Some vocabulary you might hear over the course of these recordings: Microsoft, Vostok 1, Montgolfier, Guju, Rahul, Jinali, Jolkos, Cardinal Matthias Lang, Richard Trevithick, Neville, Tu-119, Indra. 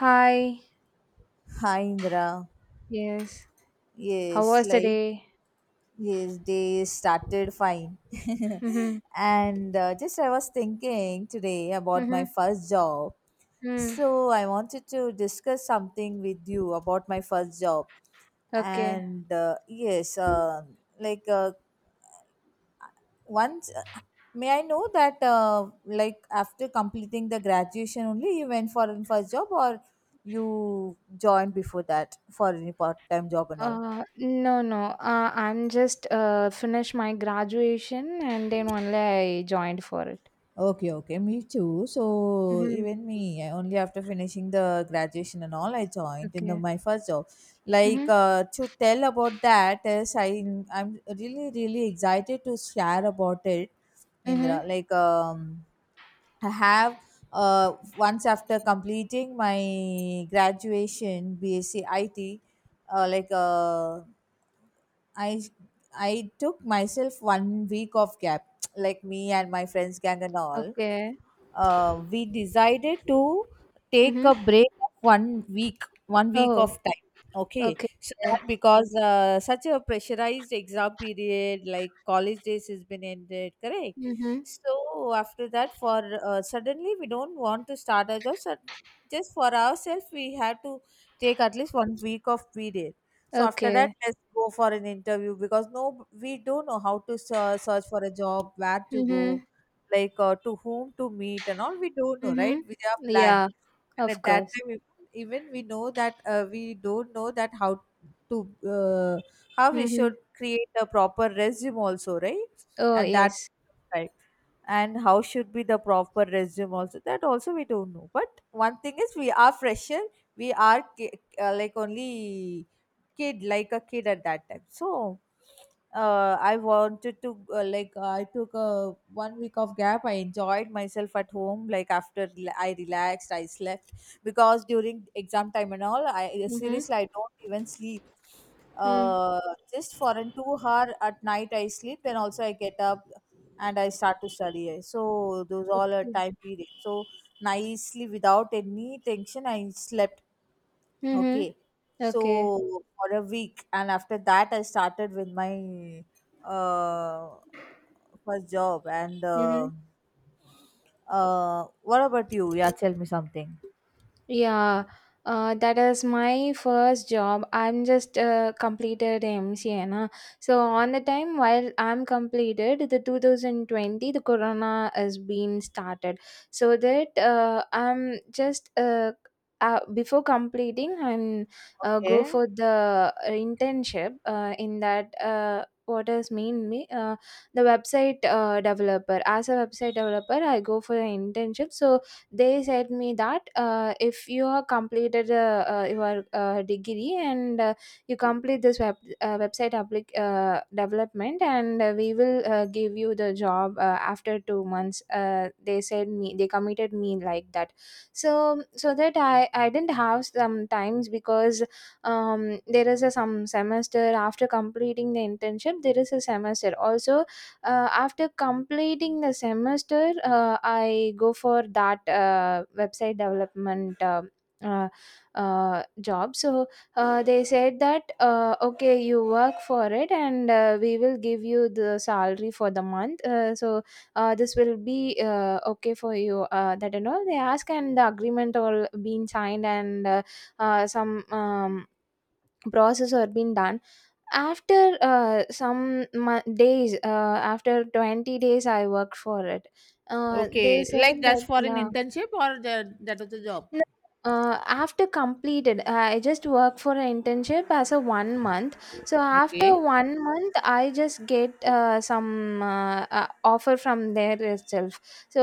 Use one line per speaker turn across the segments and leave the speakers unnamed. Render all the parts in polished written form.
Hi.
Hi Indra.
Yes. How
Yes,
was the
like
day?
yes, they started fine.
Mm-hmm.
And just I was thinking today about
Mm-hmm.
my first job.
Mm.
So I wanted to discuss something with you about my first job.
Okay.
And yes, like once, may I know that, like after completing the graduation only you went for a first job, or you joined before that for any part time job and all?
No, no. I'm just finished my graduation and then only I joined for it.
Okay, okay, me too. So
Mm-hmm.
even me, I only after finishing the graduation and all, I joined in
Okay.
my first job. Like,
Mm-hmm.
to tell about that is I'm really really excited to share about it. Indra,
Mm-hmm.
like, I have, once after completing my graduation BSc, like I I took myself 1 week of gap, like me and my friends gang and all,
Okay.
we decided to take
Mm-hmm.
a break of one week of
Oh.
time. Okay,
Okay.
so that because, such a pressurized exam period like college days has been ended, correct?
Mm-hmm.
So after that, for, suddenly we don't want to start a job, so just for ourselves we had to take at least 1 week of period. So after that,
Okay.
let's go for an interview because no, we don't know how to search for a job, where to go,
Mm-hmm.
like, to whom to meet and all, we don't know,
Mm-hmm.
right? We are blank.
Yeah.
And
Of
at that
course.
time, even we know that, we don't know that how to, uh, how we
Mm-hmm.
should create a proper resume also, right?
Oh
At that
yes.
time. And how should be the proper resume also, that also we don't know. But one thing is, we are fresher, we are like only kid, like a kid at that time. So, I wanted to, like, I took a 1 week of gap. I enjoyed myself at home. Like after I relaxed, I slept, because during exam time and all, I
Mm-hmm.
seriously, I don't even sleep.
Mm.
Uh, just for an 2 hour at night I sleep, and also I get up and I start to study. So those all are
Okay.
time period. So nicely, without any tension, I slept.
Mm-hmm.
Okay.
Okay.
So for a week, and after that, I started with my, uh, first job. And what about you? Yeah, tell me something.
Yeah, that is my first job. I'm just completed MCA. Na? So on the time while I'm completed, the 2020, the Corona has been started. So that I'm just before completing, I'm go
Okay.
for the internship in that. What does mean me the website developer, as a website developer I go for an internship. So they said me that if you are completed your degree and you complete this website development and we will give you the job after 2 months they said me, they committed me like that. So that I didn't have some times, because there is a some semester. After completing the internship there is a semester also. After completing the semester I go for that website development uh, job. So they said that okay, you work for it and we will give you the salary for the month so this will be okay for you, that and all they ask, and the agreement all being signed, and some process are being done. After some days, after 20 days I worked for it. They
Okay.
said
Like, that's
that
for an
yeah.
internship, or that was a job?
No, after completed, I just work for an internship as a one month. So after
Okay.
one month, I just get some offer from there itself. So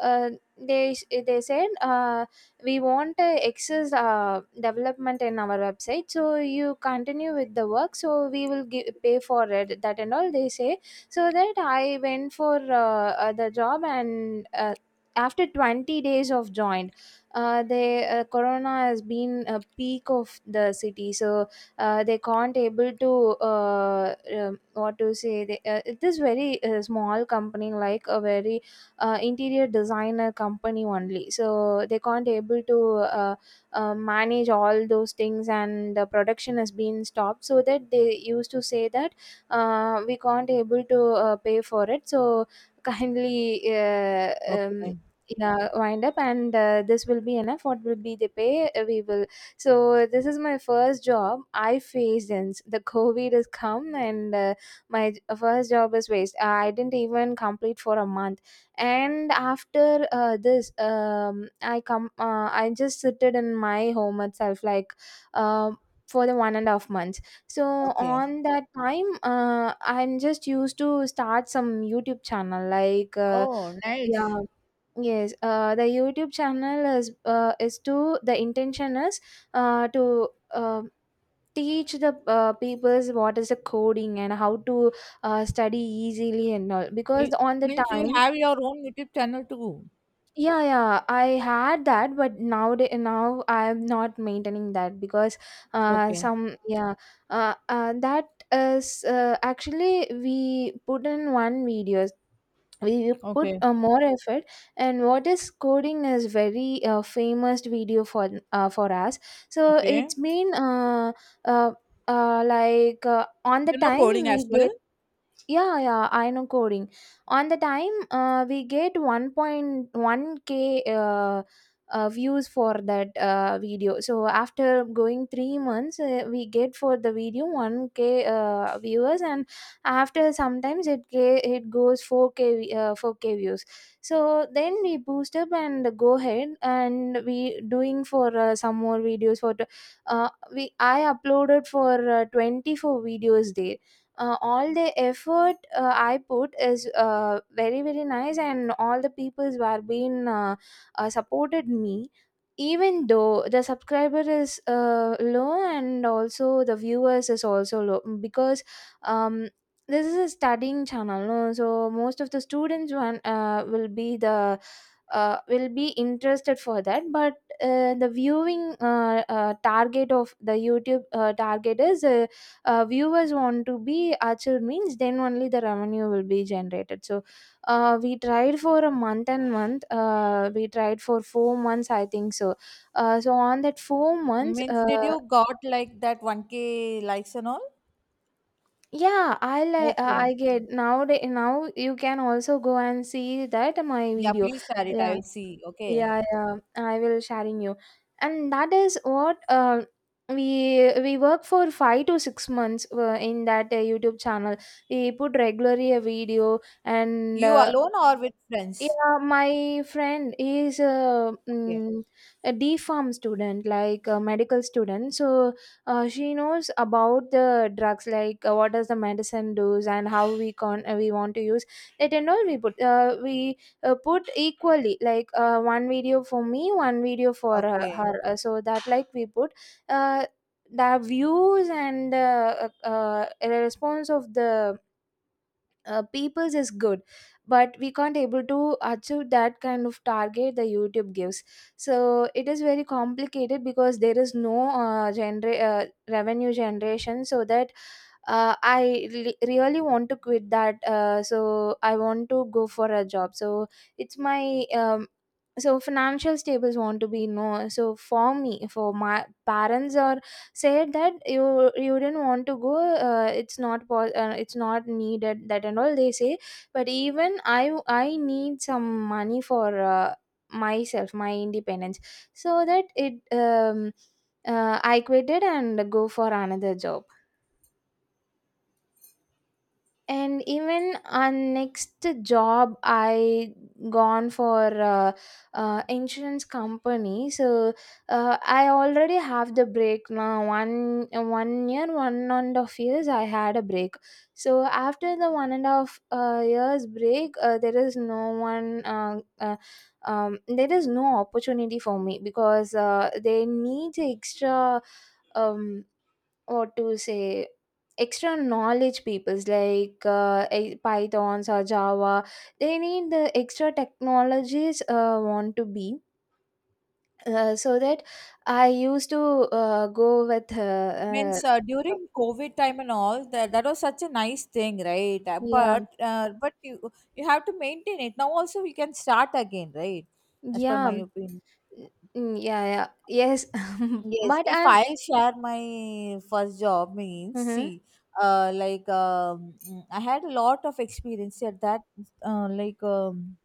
uh, they they said we want excess development in our website. So you continue with the work. So we will give, pay for it. That and all they say. So that I went for the job and after 20 days of join they, Corona has been a peak of the city. So they can't able to what to say, they, it is very small company, like a very interior designer company only. So they can't able to uh, manage all those things, and the production has been stopped. So that they used to say that we can't able to pay for it, so kindly
Okay.
yeah, wind up, and this will be enough, what will be the pay we will. So this is my first job I faced since the COVID has come. And my first job is waste. I didn't even complete for a month. And after this, I just sitted in my home itself, like, um, for the one and a half months. So
Okay.
on that time I'm just used to start some YouTube channel, like,
Oh, nice.
yeah. Yes, the YouTube channel is, to, the intention is to teach the people's what is the coding and how to study easily, and all because
It
on the
means you
time.
have your own YouTube channel too.
Yeah, yeah, I had that, but now I am not maintaining that, because
Okay.
some, yeah. That is, actually we put in one video. We put
Okay.
more effort, and what is coding is very famous video for us. So
Okay.
it's been uh, like on the
You know
time
coding
we
as well.
get. Yeah, yeah, I know coding. On the time we get 1.1K views for that video. So after going 3 months we get for the video 1K viewers. And after sometimes it goes 4K 4K views. So then we boost up and go ahead, and we doing for some more videos. For the- uh, we i uploaded for 24 videos there. All the effort I put is very very nice, and all the peoples who have been supported me. Even though the subscriber is low, and also the viewers is also low, because, um, this is a studying channel, no? So most of the students one will be interested for that, but the viewing target of the youtube target is, viewers want to be achieved means then only the revenue will be generated. So we tried for a month and month. We tried for 4 months, I think. So on that 4 months
Means, did you got like that 1k likes and all?
yeah, I like
Okay.
I get now you can also go and see that my
Yeah,
video.
please share it. I
Yeah.
will see. Okay.
Yeah, yeah, I will sharing you, and that is what we work for 5 to 6 months in that YouTube channel. We put regularly a video, and
You alone or with friends?
yeah, my friend is a,
Okay.
a D farm student, like a medical student. So she knows about the drugs, like, what does the medicine does, and how we want to use it. And all we put equally, like, one video for me, one video for her.
Okay.
her. So that, like, we put uh, the views and response of the people's is good. But we can't able to achieve that kind of target the YouTube gives. So it is very complicated, because there is no revenue generation. So that really want to quit that, so I want to go for a job. So it's my, so financial stables want to be, no. So for me, for my parents, or said that you didn't want to go, it's not po- it's not needed, that and all they say. But even I need some money for myself, my independence. So that it, I quit it and go for another job. And even on next job I gone for insurance company. So I already have the break now. One and a half years I had a break. So after the one and a half years break there is no opportunity for me, because they need extra, um what to say? Extra knowledge peoples, like Pythons or Java. They need the extra technologies want to be. So that I used to go with
Means, during COVID time and all, that was such a nice thing, right?
yeah,
But you have to maintain it. Now also we can start again, right? As per my
yeah,
opinion.
mm, yeah, yeah, yes.
Yes,
But
if
I'm.
I'll share my first job, means,
Mm-hmm.
see, like, I had a lot of experience at that, like,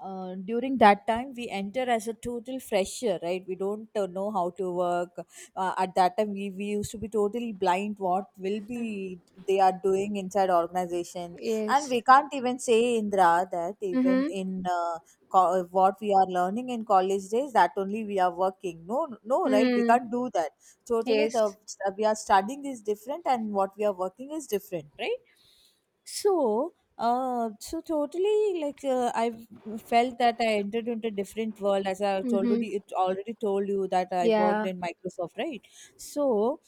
during that time we enter as a total fresher, right? We don't, know how to work. At that time, we used to be totally blind what will be they are doing inside organization. And
Yes.
we can't even say, Indra, that even
Mm-hmm.
in, what we are learning in college days, that only we are working, no, no, right? We
Mm,
can't do that, totally. The
yes.
We are studying is different, and what we are working is different, right? So, so totally, like, I felt that I entered into a different world, as I
Mm-hmm.
already it already told you that I worked
Yeah,
in Microsoft, right? So,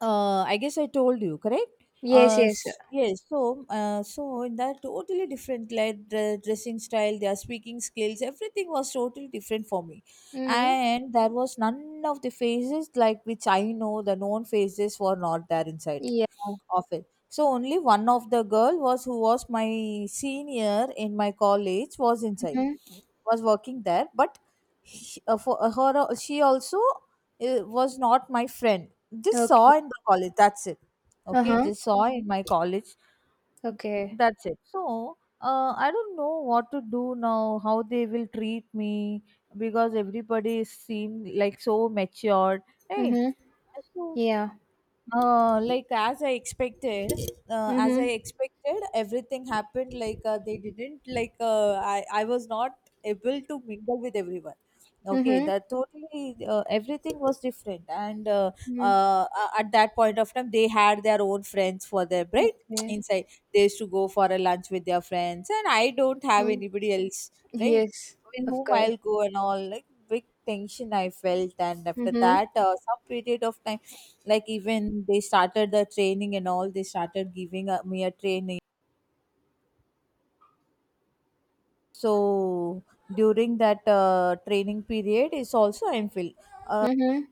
I guess I told you, correct?
yes, yes.
Yes. So in that, totally different, like the dressing style, their speaking skills, everything was totally different for me,
Mm-hmm.
and there was none of the phases like which I know, the known phases were not there inside
Yeah.
of it. So only one of the girl was, who was my senior in my college, was inside,
Mm-hmm.
was working there, but he, for her she also, was not my friend, just saw
Okay,
in the college, that's it.
uh
Okay,
huh,
just saw in my college,
okay.
that's it. So, I don't know what to do now, how they will treat me, because everybody seem like so matured, hey.
Mm-hmm.
So,
Yeah.
like as I expected,
Mm-hmm.
everything happened, like, they didn't, like, I was not able to mingle with everyone. Okay,
Mm-hmm.
that totally, everything was different. And
Mm.
uh, at that point of time they had their own friends for their break,
Okay.
inside they used to go for a lunch with their friends, and I don't have
Mm.
anybody else, right?
Yes,
With
of
whom
course.
I'll go and all, like big tension I felt. And after
Mm-hmm.
that, some period of time, like even they started the training and all, they started giving, me a training. So during that, training period is also, I'm filled.
Mm-hmm.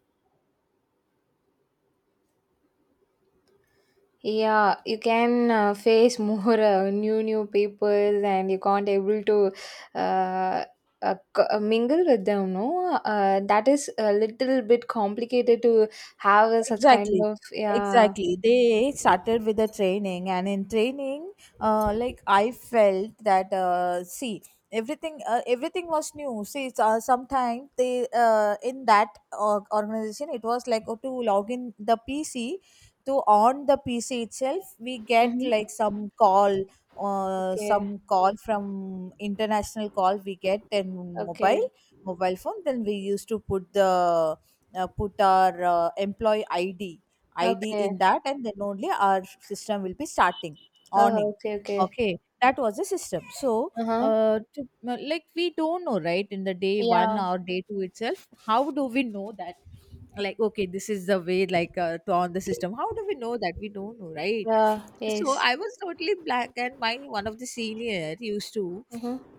Yeah, you can face more new people, and you can't able to uh, mingle with them. No, that is a little bit complicated to have such kind
Exactly.
of, yeah.
Exactly. They started with the training, and in training, like I felt that, see, everything was new. See, it's, sometimes they, in that, organization, it was like, oh, to log in the PC, to on the PC itself, we get
Mm-hmm.
like
Okay.
some call from international call we get in mobile,
Okay.
mobile phone. Then we used to put the, put our, employee id
Okay.
in that, and then only our system will be starting, awning.
Okay. Okay.
Okay, that was the system. So,
Uh huh.
uh, to, like we don't know, right? In the day one
Yeah.
or day two itself, how do we know that, like, okay, this is the way, like, to on the system, how do we know that? We don't know, right?
Yeah.
So
Yes.
I was totally black, and my one of the senior used to,
Mm-hmm.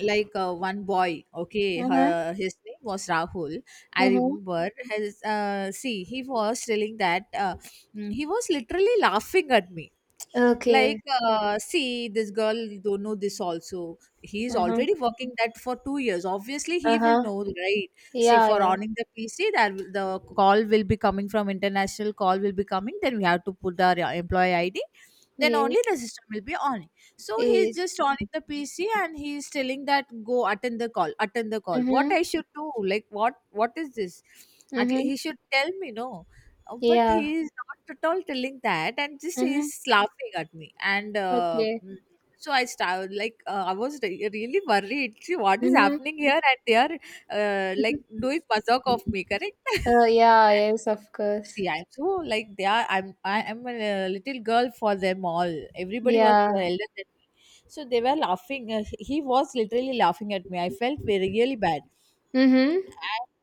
like, one boy, okay,
Mm-hmm.
his name was Rahul. I
Mm-hmm.
remember his, see, he was telling that, he was literally laughing at me,
Okay.
like, see this girl don't know this also, he's
Mhm.
already working that for 2 years, obviously he will
Uh-huh.
know, right? See,
Yeah,
for
yeah.
owning the PC, the call will be coming, from international call will be coming, then we have to put the employee id, then only the
Yes.
system will be on. So he's
Yes.
just owning the PC and he's telling that, go attend the call, attend the call. What
Mhm.
I should do, like what is this? At least
Mhm.
he should tell me, no. Oh, but
Yeah.
he is not at all telling that, and just he is
Mhm.
laughing at me. And
Okay.
so I started, like, I was really worried. See, what is
Mhm.
happening here, and they are, like,
Mhm.
doing mazak of me, correct?
Yeah, yes, of
See,
course.
I'm so like they are, I am a little girl for them all. Everybody was,
Yeah.
elder than me, so they were laughing. He was literally laughing at me, I felt very really bad.
Mhm.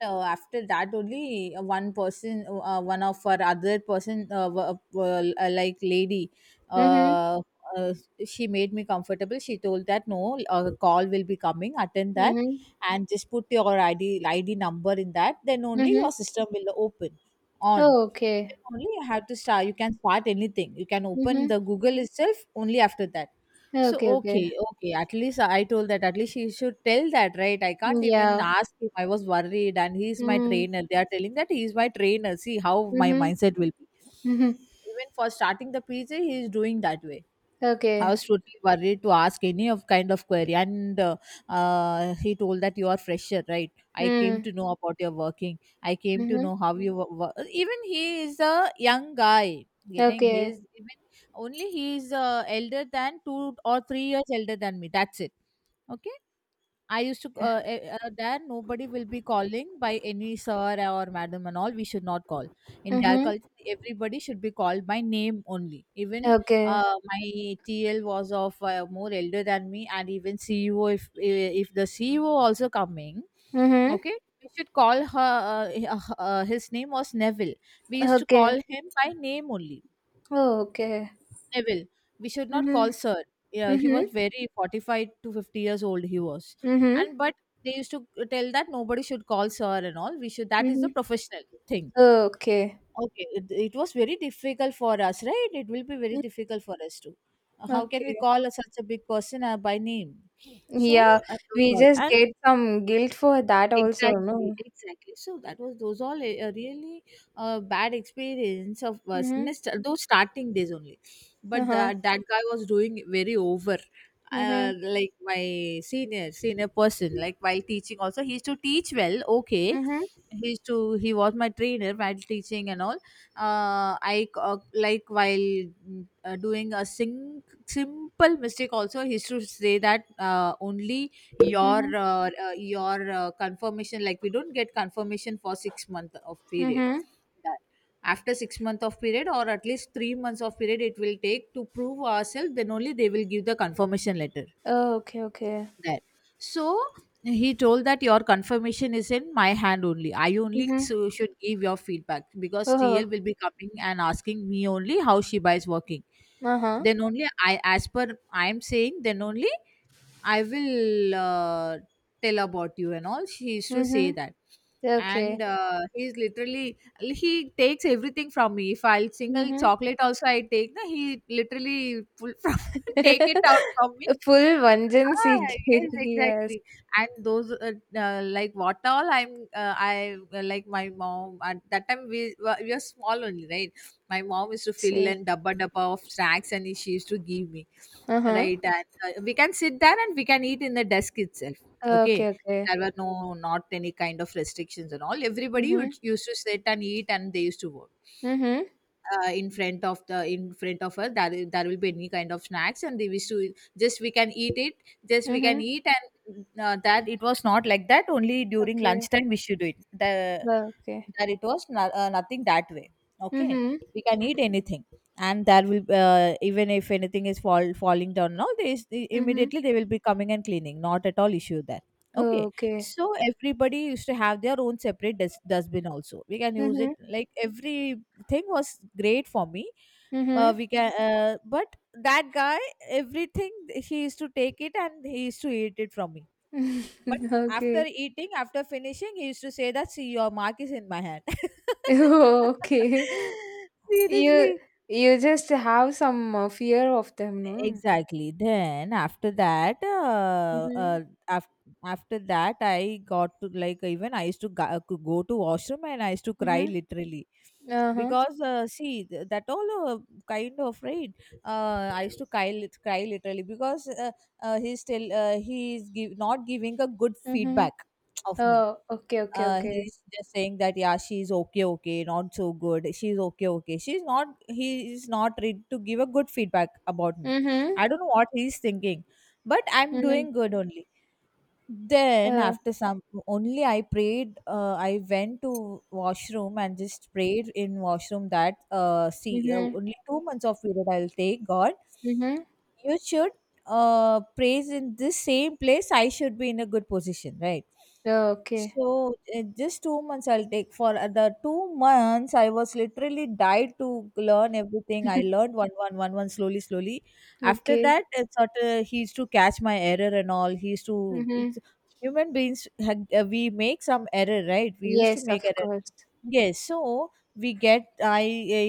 And, after that only, one person, one of our other person, like lady,
Mhm.
uh, uh, she made me comfortable. She told that, no, a call will be coming, attend that,
Mhm.
and just put your id number in that, then only your
Mhm.
system will open on.
Oh, okay.
Then only you have to start, you can start anything, you can open
Mhm.
the Google itself only after that. So
Okay, okay.
okay, okay. At least I told that. At least she should tell that, right? I can't even
Yeah.
ask him. I was worried, and he's my
Mm.
trainer. They are telling that he's my trainer. See how my
Mhm.
mindset will be.
Mhm.
Even for starting the PJ, he is doing that way. I
Okay.
was totally worried to ask any of kind of query. And he told that, you are fresher, right? I came
Mm.
to know about your working. I came to
Mhm.
know how you work. Even he is a young guy. Getting
Okay.
his, even, only he is, elder than 2 or 3 years elder than me. That's it. Okay, I used to, Dad, nobody will be calling by any sir or madam and all. We should not call. In their
Mhm.
culture, everybody should be called by name only. Even,
Okay.
my TL was of, more elder than me, and even CEO, if the CEO also coming,
Mhm.
okay, we should call her. His name was Neville. We used to call
Okay.
him by name only,
Oh, okay.
Neville. We should not call
Mhm.
Sir. Yeah, he
Mhm.
was very 45 to 50 years old. He was,
Mhm.
and but they used to tell that nobody should call Sir and all. We should. That is the
Mhm.
professional thing.
Okay,
Okay, it was very difficult for us, right? It will be very difficult for us to. How can we
okay.
call such a big person by name? So
Yeah,
and, that's
we
all.
just
And
get some guilt for that also,
Exactly,
no?
exactly. So that was those all a really bad experience of us.
Mm-hmm.
Those starting days only, but
Uh-huh.
that guy was doing very over.
Mm-hmm.
Like my senior person, like while teaching also, he used to teach well. Okay,
Mm-hmm.
he used to he was my trainer while teaching and all. Like while doing a simple mistake also, he used to say that only
Mm-hmm.
your confirmation, like we don't get confirmation for 6 months month of period.
Mm-hmm.
That- After 6 months month of period or at least 3 months of period it will take to prove ourselves, then only they will give the confirmation letter
Oh, okay, okay.
there. So he told that your confirmation is in my hand only. I only
Mm-hmm.
so should give your feedback because
Oh,
TL will be coming and asking me only how Shiba is working.
uh-huh.
Then only I, as per I am saying, then only I will tell about you and all. She used to say
Mm-hmm.
that. And
Okay.
he's literally, he takes everything from me. If I'll single
Mm-hmm.
chocolate also I take, no, he literally pull from, take it out from me.
Full vengeance he
Ah,
gave.
yes,
Yes.
exactly. And those like what all I'm I like my mom, at that time we were small only, right? My mom used to fill
Yes.
and dabba dabba of snacks and she used to give me,
Uh-huh.
right? And we can sit there and we can eat in the desk itself. Okay,
Okay, okay.
there were no, not any kind of restrictions and all. Everybody would,
Mm-hmm.
used to sit and eat and they used to work
Mm-hmm.
in front of the in front of us there, there will be any kind of snacks and they wish to, just we can eat it, just we can
Mm-hmm.
eat. And that it was not like that only during
Okay.
lunchtime we should do it. The,
Well, okay.
that it was no, nothing that way. Okay,
Mm-hmm.
we can eat anything. And there will even if anything is falling down now,
Mm-hmm.
immediately they will be coming and cleaning, not at all issue there. Okay,
Okay.
so everybody used to have their own separate dustbin also, we can use it.
Mm-hmm.
Like every thing was great for me.
Mm-hmm.
We can But that guy, everything he used to take it and he used to eat it from me. But after
Okay.
eating, after finishing, he used to say that, see your mark is in my hand.
Okay. You
Seriously.
you just have some fear of them, no?
Exactly. Then after that,
Mm-hmm.
af- after that I got to, like, even I used to go to washroom and I used to cry
Mm-hmm.
literally
Uh-huh.
because that all kind of, right? I used to cry, cry literally because he's still, not giving a good
Mm-hmm.
feedback of me.
Oh, okay, okay, okay.
He's just saying that, yeah, she's okay, okay, not so good, she's okay, okay, she's, not he is not ready to give a good feedback about me.
Mm-hmm.
I don't know what he's thinking, but I'm
Mm-hmm.
doing good only. Then
Uh,
after some only, I prayed, I went to washroom and just prayed in washroom that, see
mm-hmm.
only 2 months of period I'll take, God.
Mm-hmm.
You should, praise, in this same place I should be in a good position, right?
Oh, okay.
So just 2 months I'll take. For the 2 months I was literally died to learn everything. I learned one, slowly slowly. After
Okay.
that, it's sort of, he used to catch my error and all. He used to,
Mm-hmm.
it's, human beings we make some error, right? We used to
Yes,
make
of
error.
course.
Yes, so we get, I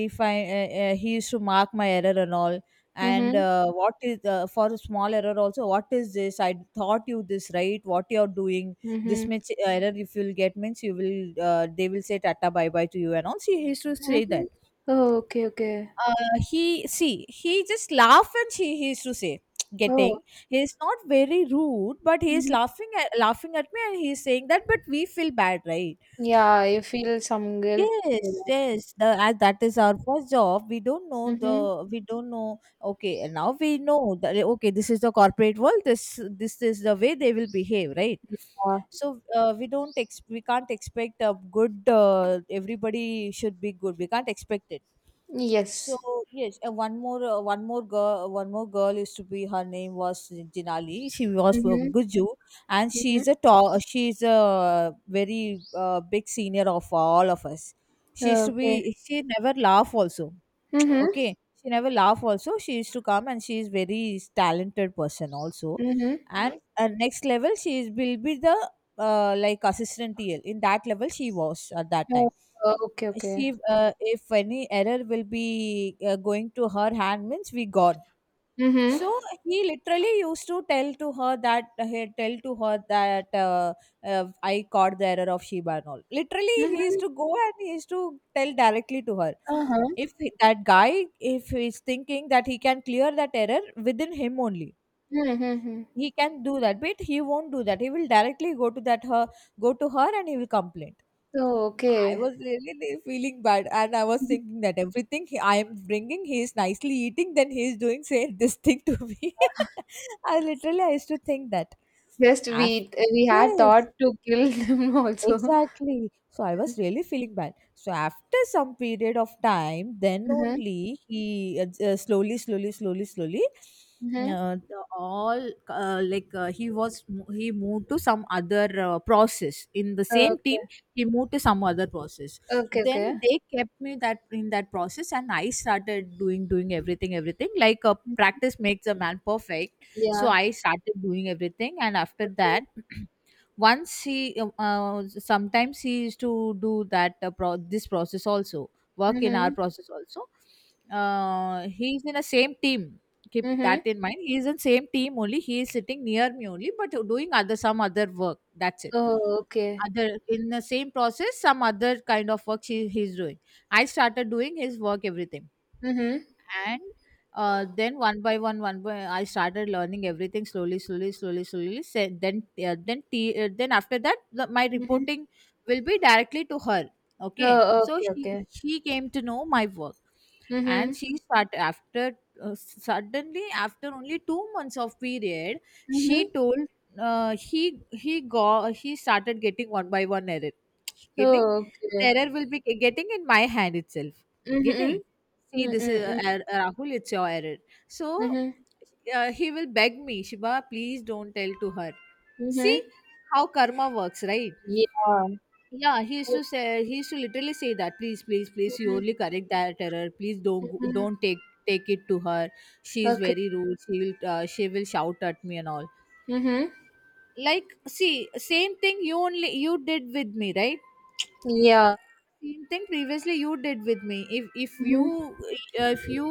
if I he used to mark my error and all, and
Mm-hmm.
what is, for a small error also? What is this? I thought you this, right? What you are doing? This
Mm-hmm.
much error if you'll get means you will they will say tata bye bye to you and all. She used to say
Mm-hmm.
that.
Oh, okay, okay.
Uh, he, see, he just laugh and she he used to say getting,
Oh.
he is not very rude but he is
Mm-hmm.
laughing at me and he is saying that, but we feel bad, right?
Yeah, you feel some guilt for
Yes,
that.
yes. The, as that is our first job. We don't know
Mm-hmm.
the we don't know. Okay, and now we know that, eh, okay, this is the corporate world. This is the way they will behave, right?
Yeah.
So we don't ex- we can't expect a good. Everybody should be good. We can't expect it. So
Yes.
yes, one more girl used to be, her name was Jinali. She was
Mm-hmm.
from Guju, and she
Mm-hmm.
is a tall. She is a very big senior of all of us. She used to
Okay.
be. She never laugh also.
Mm-hmm.
Okay, she never laugh also. She used to come, and she is very talented person also.
Mhm.
And next level, she is will be the like assistant TL. In that level, she was at that time.
Oh, okay, okay.
She, if any error will be going to her hand means we gone.
Mhm.
So he literally used to tell to her that, I caught the error of Shiba and all. Literally he used
Mhm.
to go and he used to tell directly to her.
Uh-huh.
If he- That guy, if he's thinking that he can clear that error within him only,
Mhm.
he can do that, but he won't do that. He will directly go to her and he will complain.
So
I
okay.
was really feeling bad, and I was
Mhm.
thinking that everything he, I am bringing, he is nicely eating, then he is doing say this thing to me. I literally I used to think that.
Just
Af-
we had
yes,
thought to kill them also.
exactly. So I was
Mhm.
really feeling bad. So after some period of time, then
Mhm.
only he slowly, slowly, slowly, slowly,
Mhm.
the all like he was he moved to some other process in the same team.
Okay.
He moved to some other process.
Okay, okay.
Then they kept me that in that process, and I started doing everything, everything, like practice makes a man perfect. So
Yeah.
I started doing everything, and after that.
Okay.
Once he sometimes he used to do that this process also, work in our
Mhm.
process also. He's in a same team, keep that
Mhm.
in mind. He is in same team only, he is sitting near me only but doing other, some other work, that's it.
Oh, okay.
Other in the same process, some other kind of work he's doing. I started doing his work, everything.
Mhm.
And then one by one, one by I started learning everything, slowly slowly slowly slowly say. Then after that, the, my
Mhm.
reporting will be directly to her. Okay,
Oh,
so
okay, okay.
she came to know my work. And
Mhm.
she start after, suddenly after only 2 months of period she
Mhm.
told, he started getting one by one error getting,
Oh, okay.
error will be getting in my hand itself, getting,
Mhm.
see
Mhm.
this is,
Mhm.
Rahul, it's your error. So
Mhm.
he will beg me, Shiva, please don't tell to her. See,
Mhm.
how karma works, right?
Yeah.
Yeah, he used to say, he used to literally say that, please, please, please, you
Mhm.
only correct that error. Please
Mhm.
don't take, take it to her. She is
Okay.
very rude. She will shout at me and all.
Mm-hmm.
Like, see, same thing you only you did with me, right?
Yeah.
Same thing previously you did with me.
Mm-hmm.
If you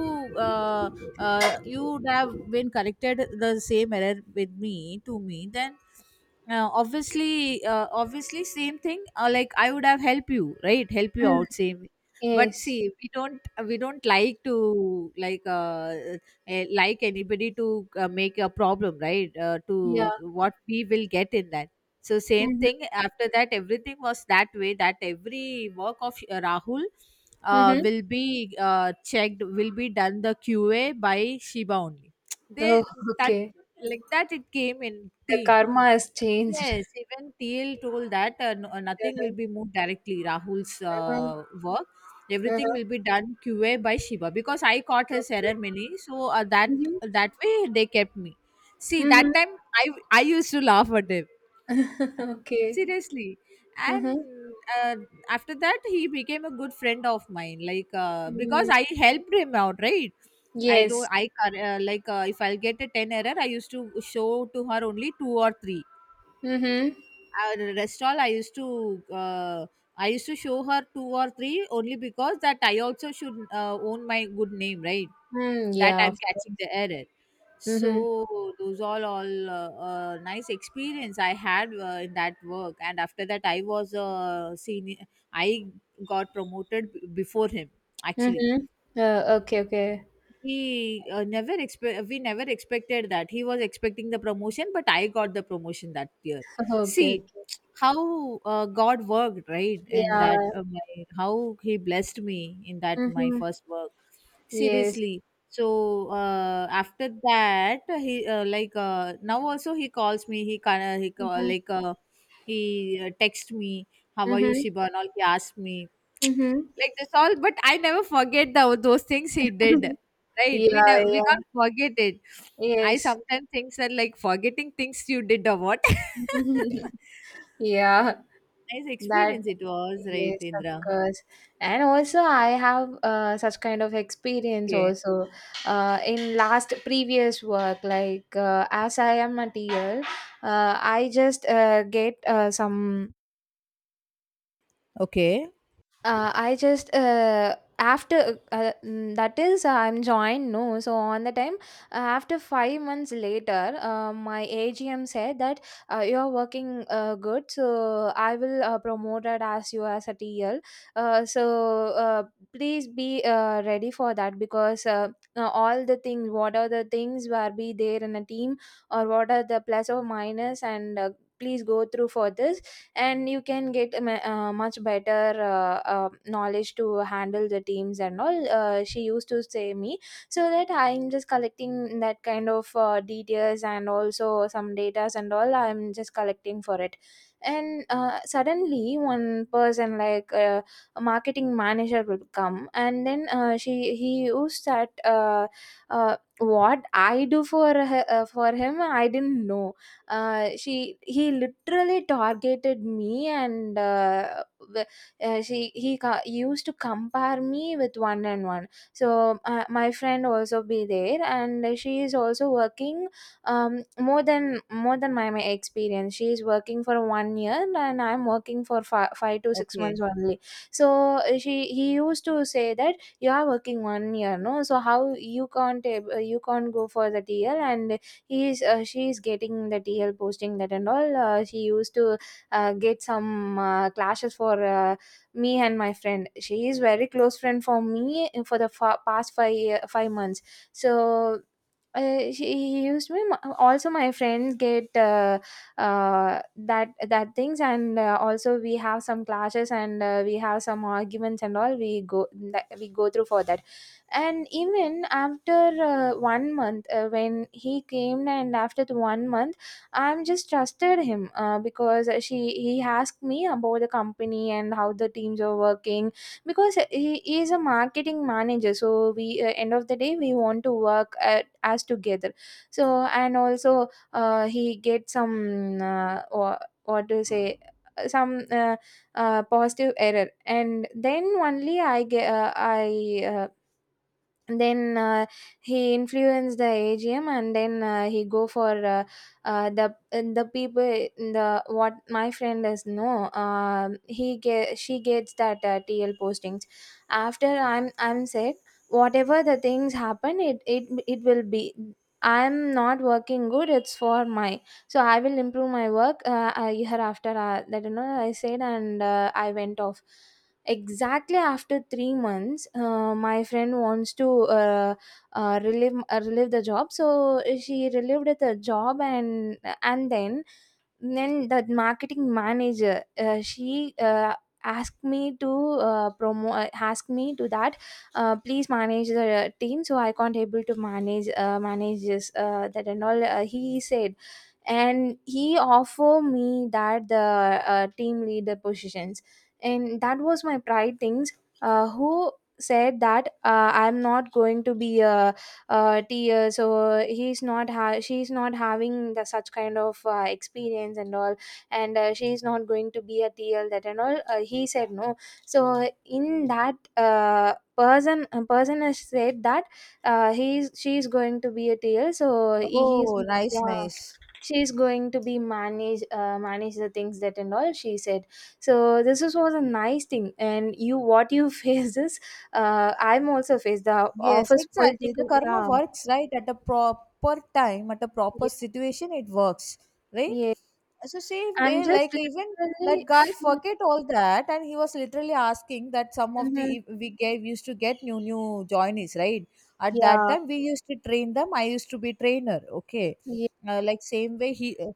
uh, you would have been corrected the same error with me, to me, then obviously same thing, like I would have helped you, right, help you out, same. But
Yes.
see, we don't, like to, like anybody to make a problem, right,
Yeah.
to, what we will get in that? So same
Mm-hmm.
thing. After that, everything was that way. That every work of Rahul
Mm-hmm.
will be checked, will be done the QA by Shiva only. They,
Oh,
that,
okay.
like that it came in
The
team.
karma has changed.
Yes, even TL told that no, nothing will
Uh-huh.
be moved directly. Rahul's
Uh-huh.
work, everything
Uh-huh.
will be done QA by Shiva because I caught his error
Okay.
many. So that,
Mm-hmm.
that way they kept me. See
Mm-hmm.
that time I used to laugh at him
Okay.
seriously and
Mm-hmm.
uh, after that he became a good friend of mine, because
Mm.
I helped him out, right? i do
Yes.
i cor- uh, like uh, if I'll get a 10 error, I used to show to her only two or three.
Mm-hmm.
Our restaurant, uh, I used to show her two or three only, because that I also should own my good name, right?
Mm,
That
yeah.
I'm catching the error. So
Mm-hmm.
those all nice experience I had in that work. And after that, I was a senior. I got before him, actually.
Mm-hmm. Okay. Okay.
He uh, never expect we never expected that. He was expecting the promotion, but I got the promotion that year.
Okay.
See
Okay.
how God worked, right? And that,
Yeah.
how he blessed me in that, my
Mm-hmm.
first work,
Yes.
seriously. So after that, he, now also he calls me. He kind of he call,
Mm-hmm.
like he texts me, how are you,
Mm-hmm.
Shiba, and all, he asked me,
Mm-hmm.
like that's all. But I never forget those things he did, right? we
yeah.
never we
Yeah.
can't forget it. I
Yes.
sometimes think that, like, forgetting things you did or what? Nice
Yeah, that,
experience it was, right,
yes, of
Indra?
course. And also, I have such kind of experience
Okay.
also in last previous work. Like as I am a TL, I just get some
Okay.
I just after that is I'm joined no so on the time, after 5 months later my AGM said that you are working good, so I will promote it as you as a TL. uh, so uh, Please be ready for that because all the things, what are the things where be there in a team or what are the plus or minus, and please go through for this and you can get a much better knowledge to handle the teams and all, she used to say me. So that I'm just collecting that kind of details and also some datas and all, I'm just collecting for it. And suddenly one person like a marketing manager would come, and then she he used that what I do for her, for him, I didn't know. She he literally targeted me and she he used to compare me with one and one. So my friend also be there and she is also working, more than my, experience. She is working for 1 year and I'm working for five to six
Okay.
months only. So she he used to say that you are working 1 year no, so how you can't you can't go for that year, and he is, she is getting the TL posting that and all. She used to get some clashes for me and my friend. She is very close friend for me for the past 5 months. So. She he used me also, my friends get that things, and also we have some clashes and we have some arguments and all, we go that we go through for that. And even after 1 month, when he came, and after the 1 month, I'm just trusted him because she he asked me about the company and how the teams are working, because he is a marketing manager, so we, end of the day, we want to work as together. So and also he get some or, what to say, some positive error, and then only I get I then he influenced the AGM, and then he go for the people, the what my friend is know. Um, he get, she gets that TL postings after I'm said whatever the things happen, it will be, I'm not working good, it's for my. So I will improve my work hereafter that you know I said, and I went off. Exactly after 3 months, my friend wants to uh, relive the job. So she relived the job, and then the marketing manager, she asked me to asked me to that, please manage the team. So I can't able to manage, this that and all. He said, and he offered me that the team leader positions, and that was my pride things. Who said that I'm not going to be a tier, so he's not she's not having the such kind of experience and all, and she's not going to be a TL, that and all, he said no. So in that person has said that he's, she's going to be a TL, so he's,
Oh, nice,
yeah,
nice.
she's going to be manage, the things that and all, she said. So this was a nice thing, and you, what you faced is, I'm also faced the
Yes,
office
exactly. The
political.
karma
Yeah,
works, right? At a proper time, at a proper
yeah,
situation, it works, right?
yeah.
So same
I'm
way,
just
like, even that
literally
guy
feel.
forget all that, and he was literally asking that. Some of
Mm-hmm.
the, if we gave, used to get new new joinees, right? At that
Yeah,
time we used to train them. I used to be trainer, okay?
yeah.
Like same way he, uh,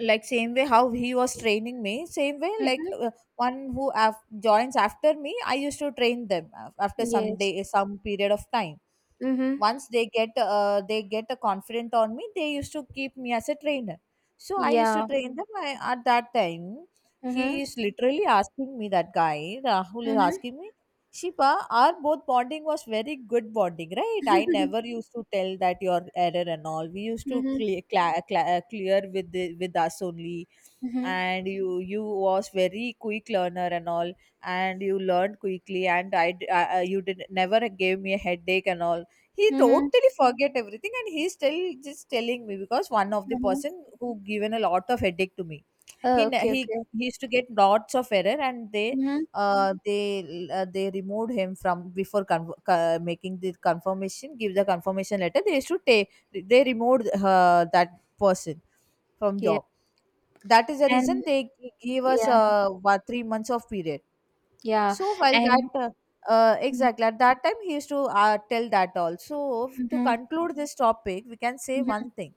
like same way how he was training me, same way,
Mm-hmm.
one joins after me, I used to train them after some
Yes.
day, some period of time.
Mm-hmm.
Once they get a confident on me, they used to keep me as a trainer. So I used to
Yeah.
train them. I, at that time,
Mm-hmm.
he is literally asking me, that guy Rahul is
Mm-hmm.
asking me, Shipa, our both bonding was very good bonding, right? I never used to tell that your error and all. We used to
Mm-hmm.
clear clear with with us only.
Mm-hmm.
And you was very quick learner and all. And you learned quickly, and I, d- I- you did never gave me a headache and all. He
Mm-hmm.
totally forget everything, and he's still just telling me, because one of the
Mm-hmm.
person who given a lot of headache to me, he
Oh,
ne-
okay. Okay.
he used to get lots of error. And they,
Mm-hmm.
mhm, they, they removed him from before making the confirmation, give the confirmation letter they used to take. They removed that person from
Yeah.
job. That is the reason
And
they give us,
yeah.
3 months of period.
Yeah.
So while that,
And.
exactly at that time he used to tell that all. So to
Mm-hmm.
conclude this topic, we can say
Mm-hmm.
one thing,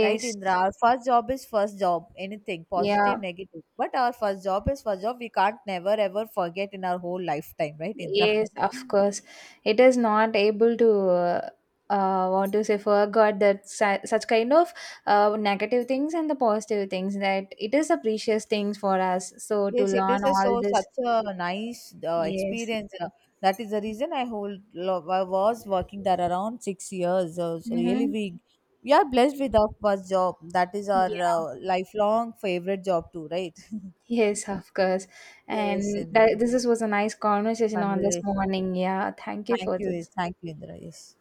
right, Indra? Our first job is first job, anything positive,
Yeah.
negative. But our first job is first job. We can't never ever forget in our whole lifetime, right, Indra?
Yes, of course. It is not able to, what to say, forget that such kind of negative things, and the positive things, that it is a precious things for us. So to
Yes, it is
learn
a
all
so such
this,
a nice
yes.
experience. That is the reason I hold. I was working there around 6 years. So really,
Mm-hmm.
we are blessed with our first job. That is our
Yeah.
lifelong favorite job too, right?
Yes, of course.
Yes,
And
Indra.
this was a nice conversation on this
Conversation.
morning. Yeah. Thank you
Thank
for
you.
this.
Thank you, Indra. Yes.